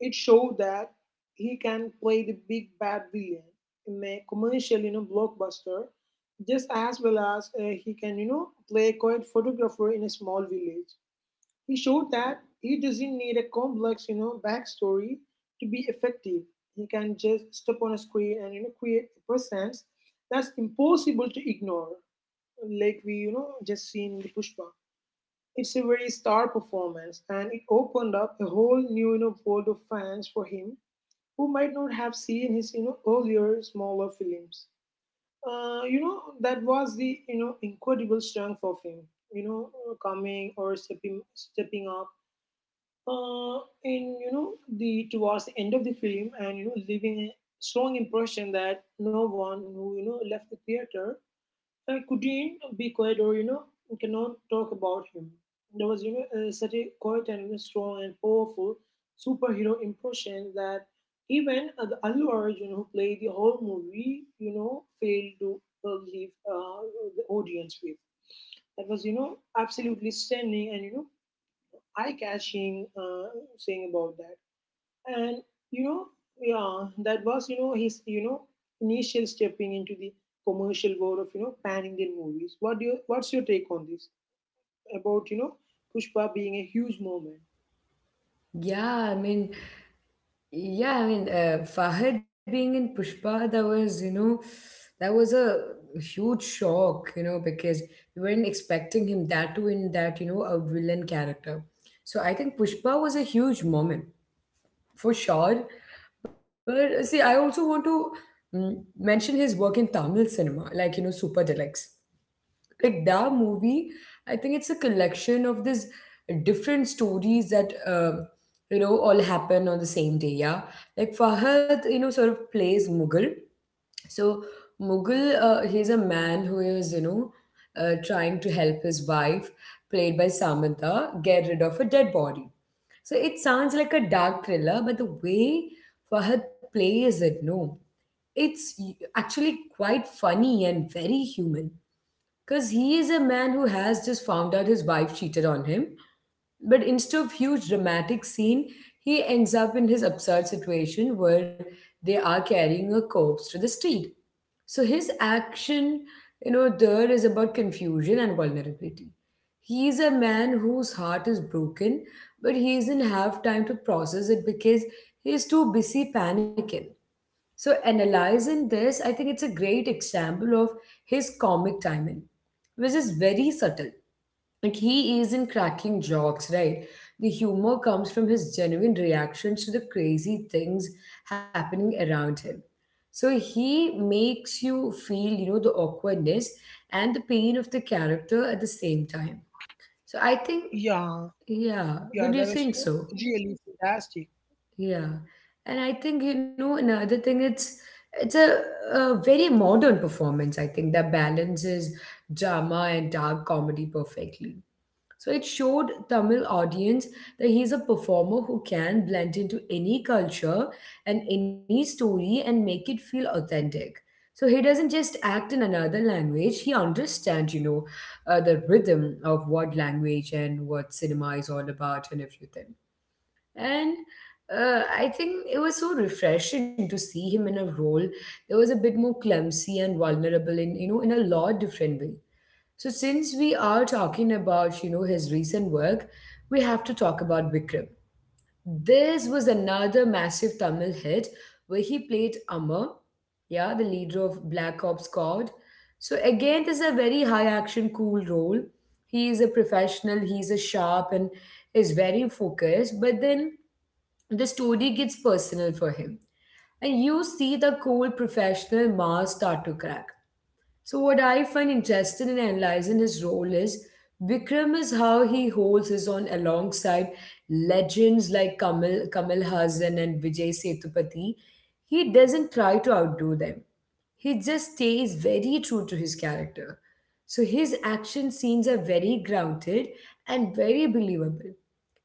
It showed that he can play the big bad villain in a commercial, blockbuster, just as well as he can, play a quiet photographer in a small village. He showed that he doesn't need a complex, backstory to be effective. He can just step on a screen and create a presence that's impossible to ignore, like we just seen in the Pushpa. It's a very star performance, and it opened up a whole new, world of fans for him who might not have seen his earlier smaller films. Uh, you know that was the incredible strength of him. You know coming or stepping up uh, in you know the towards the end of the film and leaving a strong impression that no one who left the theater I couldn't be quiet or, cannot talk about him. There was, such a quiet and, strong and powerful superhero impression that even the Allu Arjun, who played the whole movie, failed to leave the audience with. That was, absolutely stunning and, eye-catching, saying about that. And you know yeah, that was his initial stepping into the commercial world of pan Indian movies. What's your take on this about Pushpa being a huge moment? Yeah, I mean, yeah, I mean, Fahad being in Pushpa, that was that was a huge shock, you know, because we weren't expecting him that to in that a villain character. So I think Pushpa was a huge moment for sure. But see, I also want to mention his work in Tamil cinema, like you know, Super Deluxe. Like that movie, I think it's a collection of these different stories that you know all happen on the same day. Yeah, like Fahad, you know, sort of plays Mughal, so Mughal, he's a man who is, you know, trying to help his wife, played by Samantha, get rid of a dead body. So it sounds like a dark thriller, but the way Fahad plays it, no, it's actually quite funny and very human. Because he is a man who has just found out his wife cheated on him. But instead of huge dramatic scene, he ends up in his absurd situation where they are carrying a corpse to the street. So his action, you know, there is about confusion and vulnerability. He is a man whose heart is broken, but he does not have time to process it because he is too busy panicking. So analyzing this, I think it's a great example of his comic timing, which is very subtle. Like he isn't cracking jokes, right? The humor comes from his genuine reactions to the crazy things happening around him. So he makes you feel, you know, the awkwardness and the pain of the character at the same time. So I think, Yeah, yeah, yeah, that was, don't you think so? really fantastic. Yeah. And I think, you know, another thing, it's a, a very modern performance, I think, that balances drama and dark comedy perfectly. So it showed Tamil audience that he's a performer who can blend into any culture and any story and make it feel authentic. So he doesn't just act in another language, he understands, you know, the rhythm of what language and what cinema is all about and everything. And I think it was so refreshing to see him in a role that was a bit more clumsy and vulnerable in, you know, in a lot different way. So since we are talking about, you know, his recent work, we have to talk about Vikram. This was another massive Tamil hit where he played Amar, yeah, the leader of Black Ops Squad. So again, this is a very high action, cool role. He is a professional, he's a sharp and is very focused, but then the story gets personal for him. And you see the cool professional mask start to crack. So, what I find interesting in analyzing his role is Vikram is how he holds his own alongside legends like Kamal Hassan and Vijay Sethupathi. He doesn't try to outdo them, he just stays very true to his character. So, his action scenes are very grounded and very believable.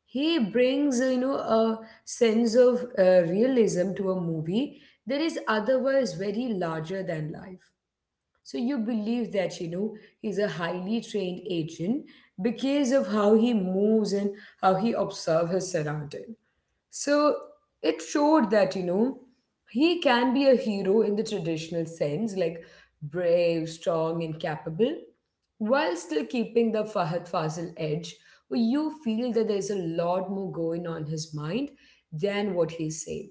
He brings, you know, a sense of realism to a movie that is otherwise very larger than life. So you believe that, you know, he's a highly trained agent because of how he moves and how he observes his surrounding. So it showed that, you know, he can be a hero in the traditional sense, like brave, strong, and capable, while still keeping the Fahad Fazil edge, where you feel that there's a lot more going on his mind than what he's saying.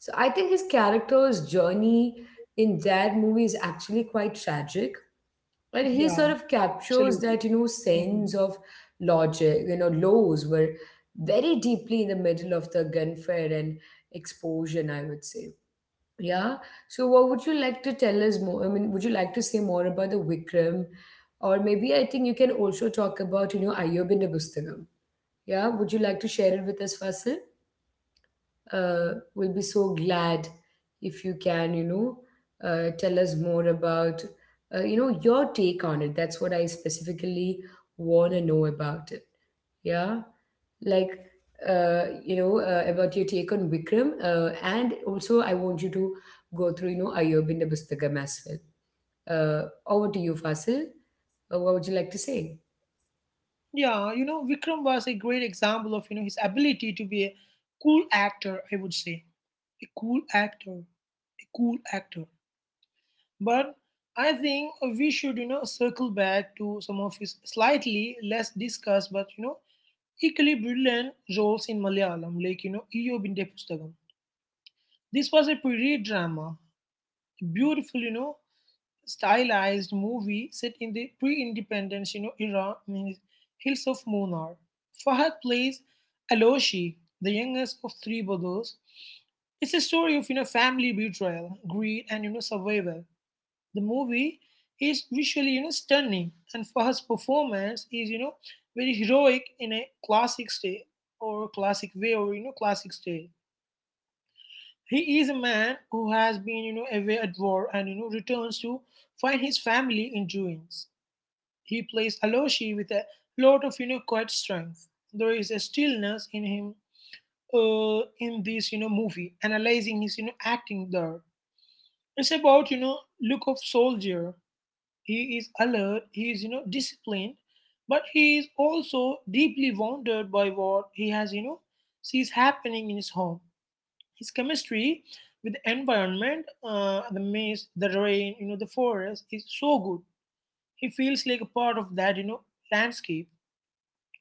So I think his character's journey in that movie is actually quite tragic. Yeah, And he sort of absolutely. captures that, you know, Mhm. sense of logic, you know, laws were very deeply in the middle of the gunfire and explosion, I would say. Yeah. So what would you like to tell us more? I mean, would you like to say more about the Vikram? Or maybe I think you can also talk about, you know, Ayyub in the Yeah. Would you like to share it with us, Fasil? Will be so glad if you can, you know, tell us more about, you know, your take on it. That's what I specifically want to know about it. Yeah, like, you know, about your take on Vikram, and also I want you to go through, you know, Ayobinda Bustakam as well. Over to you, Fasil. What would you like to say? Yeah, Vikram was a great example of his ability to be a cool actor. I would say a cool actor, a cool actor. But I think we should, circle back to some of his slightly less discussed but, equally brilliant roles in Malayalam, like, Iyobinte Pustakam. This was a period drama, a beautiful, stylized movie set in the pre-independence, era in hills of Munnar. Fahad plays Aloshi, the youngest of three brothers. It's a story of, family betrayal, greed, and, survival. The movie is visually, stunning, and Fahad's performance is, very heroic in a classic style or classic way or classic style. He is a man who has been, away at war and returns to find his family in ruins. He plays Aloshi with a lot of quiet strength. There is a stillness in him in this, movie, analyzing his acting there. It's about, look of soldier. He is alert, he is, disciplined, but he is also deeply wounded by what he sees happening in his home. His chemistry with the environment, the mist, the rain, the forest is so good. He feels like a part of that, landscape.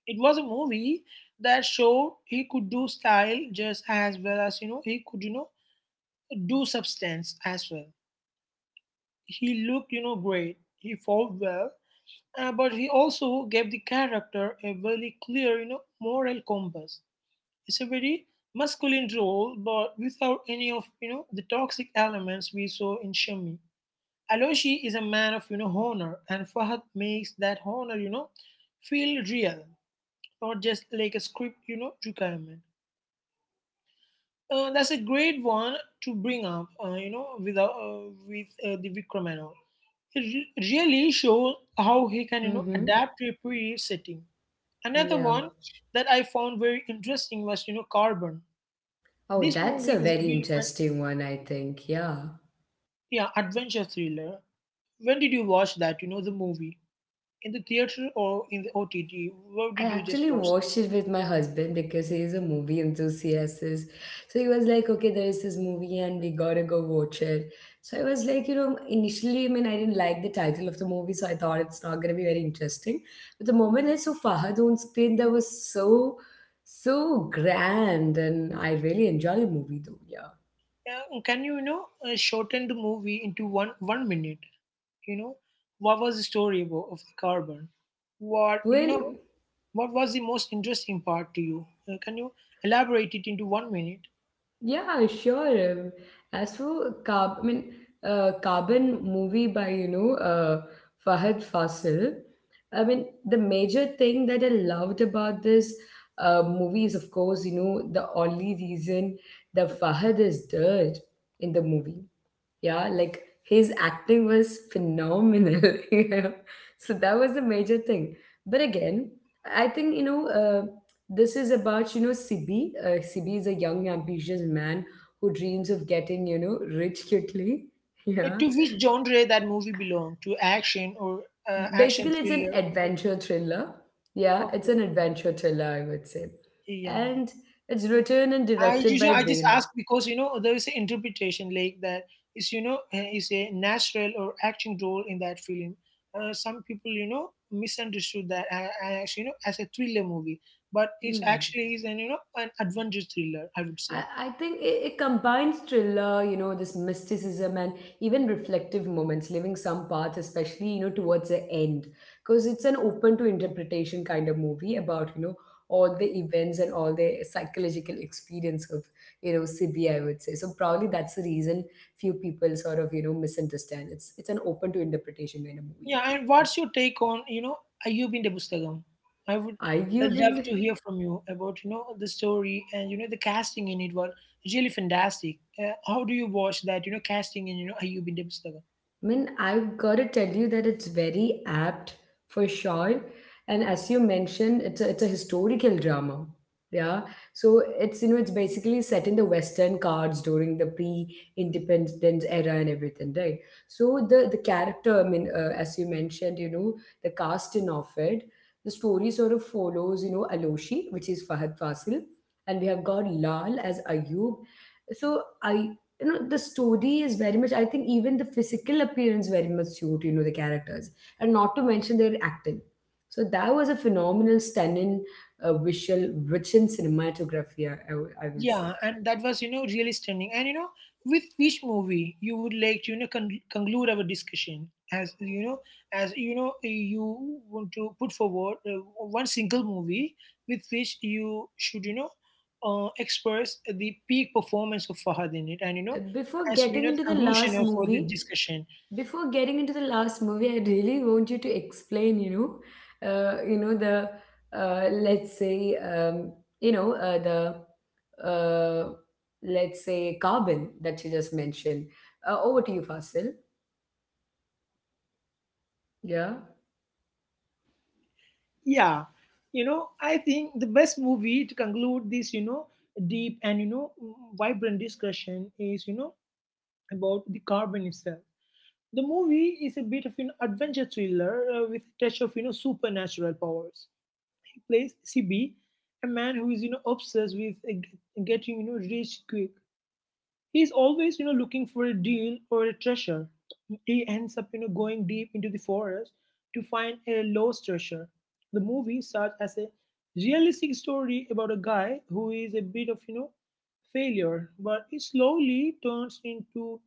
It was a movie that showed he could do style just as well as, he could, do substance as well. He looked, great. He fought well. But he also gave the character a very clear, moral compass. It's a very masculine role, but without any of the toxic elements we saw in Shami. Aloshi is a man of honor, and Fahad makes that honor feel real, not just like a script requirement. That's a great one to bring up, with the Vikram and all. It really shows how he can, Mm-hmm. adapt to a period setting. Another Yeah. one that I found very interesting was, Carbon. Oh, This that's movie a is a very very fun, interesting one, I think. Yeah. yeah, adventure thriller. When did you watch that? The movie in the theater or in the OTT? Where I did you just actually watch it? watched it with my husband because he is a movie enthusiast. So he was like, okay, there is this movie and we gotta go watch it. So I was like, you know, initially, I mean, I didn't like the title of the movie, so I thought it's not gonna be very interesting. But the moment I saw Fahad on screen, that was so, so grand, and I really enjoyed the movie though, yeah. Can you, shorten the movie into one minute? You know, what was the story about of the Carbon? What you Well, know? What was the most interesting part to you? Can you elaborate it into 1 minute? yeah, sure. As for Carb, I mean, Carbon movie by, you know, Fahad Fasil. I mean, the major thing that I loved about this movie is, of course, you know, the only reason that Fahad is dead in the movie, yeah, like his acting was phenomenal. *laughs* Yeah. So that was the major thing. But again, I think, you know, this is about, you know, Sibi. Sibi is a young, ambitious man who dreams of getting, you know, rich quickly. *laughs* Yeah. To which genre that movie belonged? To action or action Basically, it's an thriller? adventure thriller. Yeah, it's Okay. an adventure thriller, I would say. Okay. Yeah. And it's written and I directed usually by I just Vane. ask because there is an interpretation like that is you know is a natural or acting role in that film. Some people misunderstood that as as a thriller movie, but it's actually is an you know an adventure thriller, I would say. I think it combines thriller, you know, this mysticism and even reflective moments, leaving some parts, especially, you know, towards the end. Because it's an open to interpretation kind of movie about, you know, all the events and all the psychological experience of, you know, Sibi, I would say. So probably that's the reason few people sort of, you know, misunderstand. It's an open to interpretation kind of movie. Yeah. And Yeah. what's your take on, Ayubin de Busthagam? I would Are you love been? to hear from you about, the story, and the casting in it was really fantastic. How do you watch that, casting in, Ayubin de Busthagam? I mean, I've got to tell you that it's very apt for sure. And as you mentioned, it's a historical drama. Yeah. So it's, you know, it's basically set in the Western cards during the pre-independence era and everything, right? So the character, I mean, as you mentioned, you know, the cast in of it, the story sort of follows, you know, Aloshi, which is Fahad Fasil. And we have got Lal as Ayub. So I you know the story is very much, I think, even the physical appearance very much suit you know the characters, and not to mention their acting. So that was a phenomenal stunning visual rich in cinematography, I will say. Yeah, and that was, really stunning. And, with which movie you would like to, conclude our discussion? As, you know, you want to put forward one single movie with which you should, express the peak performance of Fahad in it. And, Uh, before as we getting know, the into the conclusion last of for this movie discussion. Before getting into the last movie, I really want you to explain, you know, you know the let's say um, you know the uh, let's say carbon that you just mentioned. Over to you, Fasil. Yeah. Yeah, I think the best movie to conclude this, deep and, vibrant discussion is, about the carbon itself. The movie is a bit of an adventure thriller with a touch of supernatural powers. He plays CB, a man who is obsessed with getting rich quick. He's always looking for a deal or a treasure. He ends up going deep into the forest to find a lost treasure. The movie serves as a realistic story about a guy who is a bit of, failure, but it slowly turns into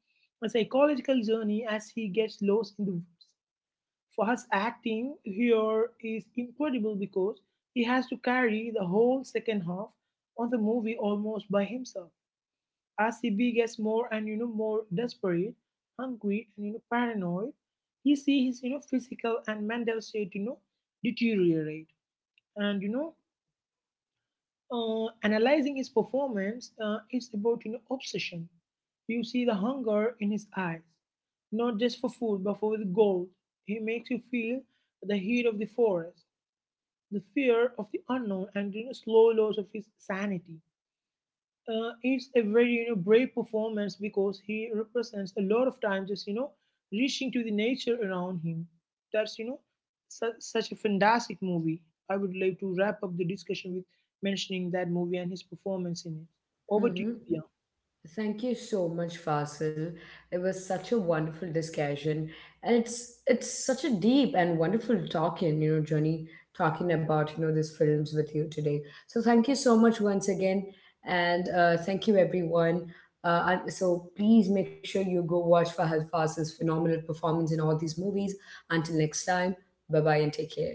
a psychological journey as he gets lost in the woods, for his acting here is incredible because he has to carry the whole second half of the movie almost by himself. As Sibi gets more and, more desperate, hungry and, paranoid, he see his, physical and mental state, deteriorate. And, analyzing his performance, it's about, obsession. You see the hunger in his eyes, not just for food but for the gold. He makes you feel the heat of the forest, the fear of the unknown, and, slow loss of his sanity. It's a very, brave performance because he represents a lot of time just, reaching to the nature around him. That's, such a fantastic movie. I would like to wrap up the discussion with mentioning that movie and his performance in it. Over to Hmm. you, Diya. Thank you so much, Fasil. It was such a wonderful discussion, and it's such a deep and wonderful talking, you know, Johnny talking about you know these films with you today. So thank you so much once again, and thank you everyone. And so please make sure you go watch Fahad Fasil's phenomenal performance in all these movies. Until next time, bye bye and take care.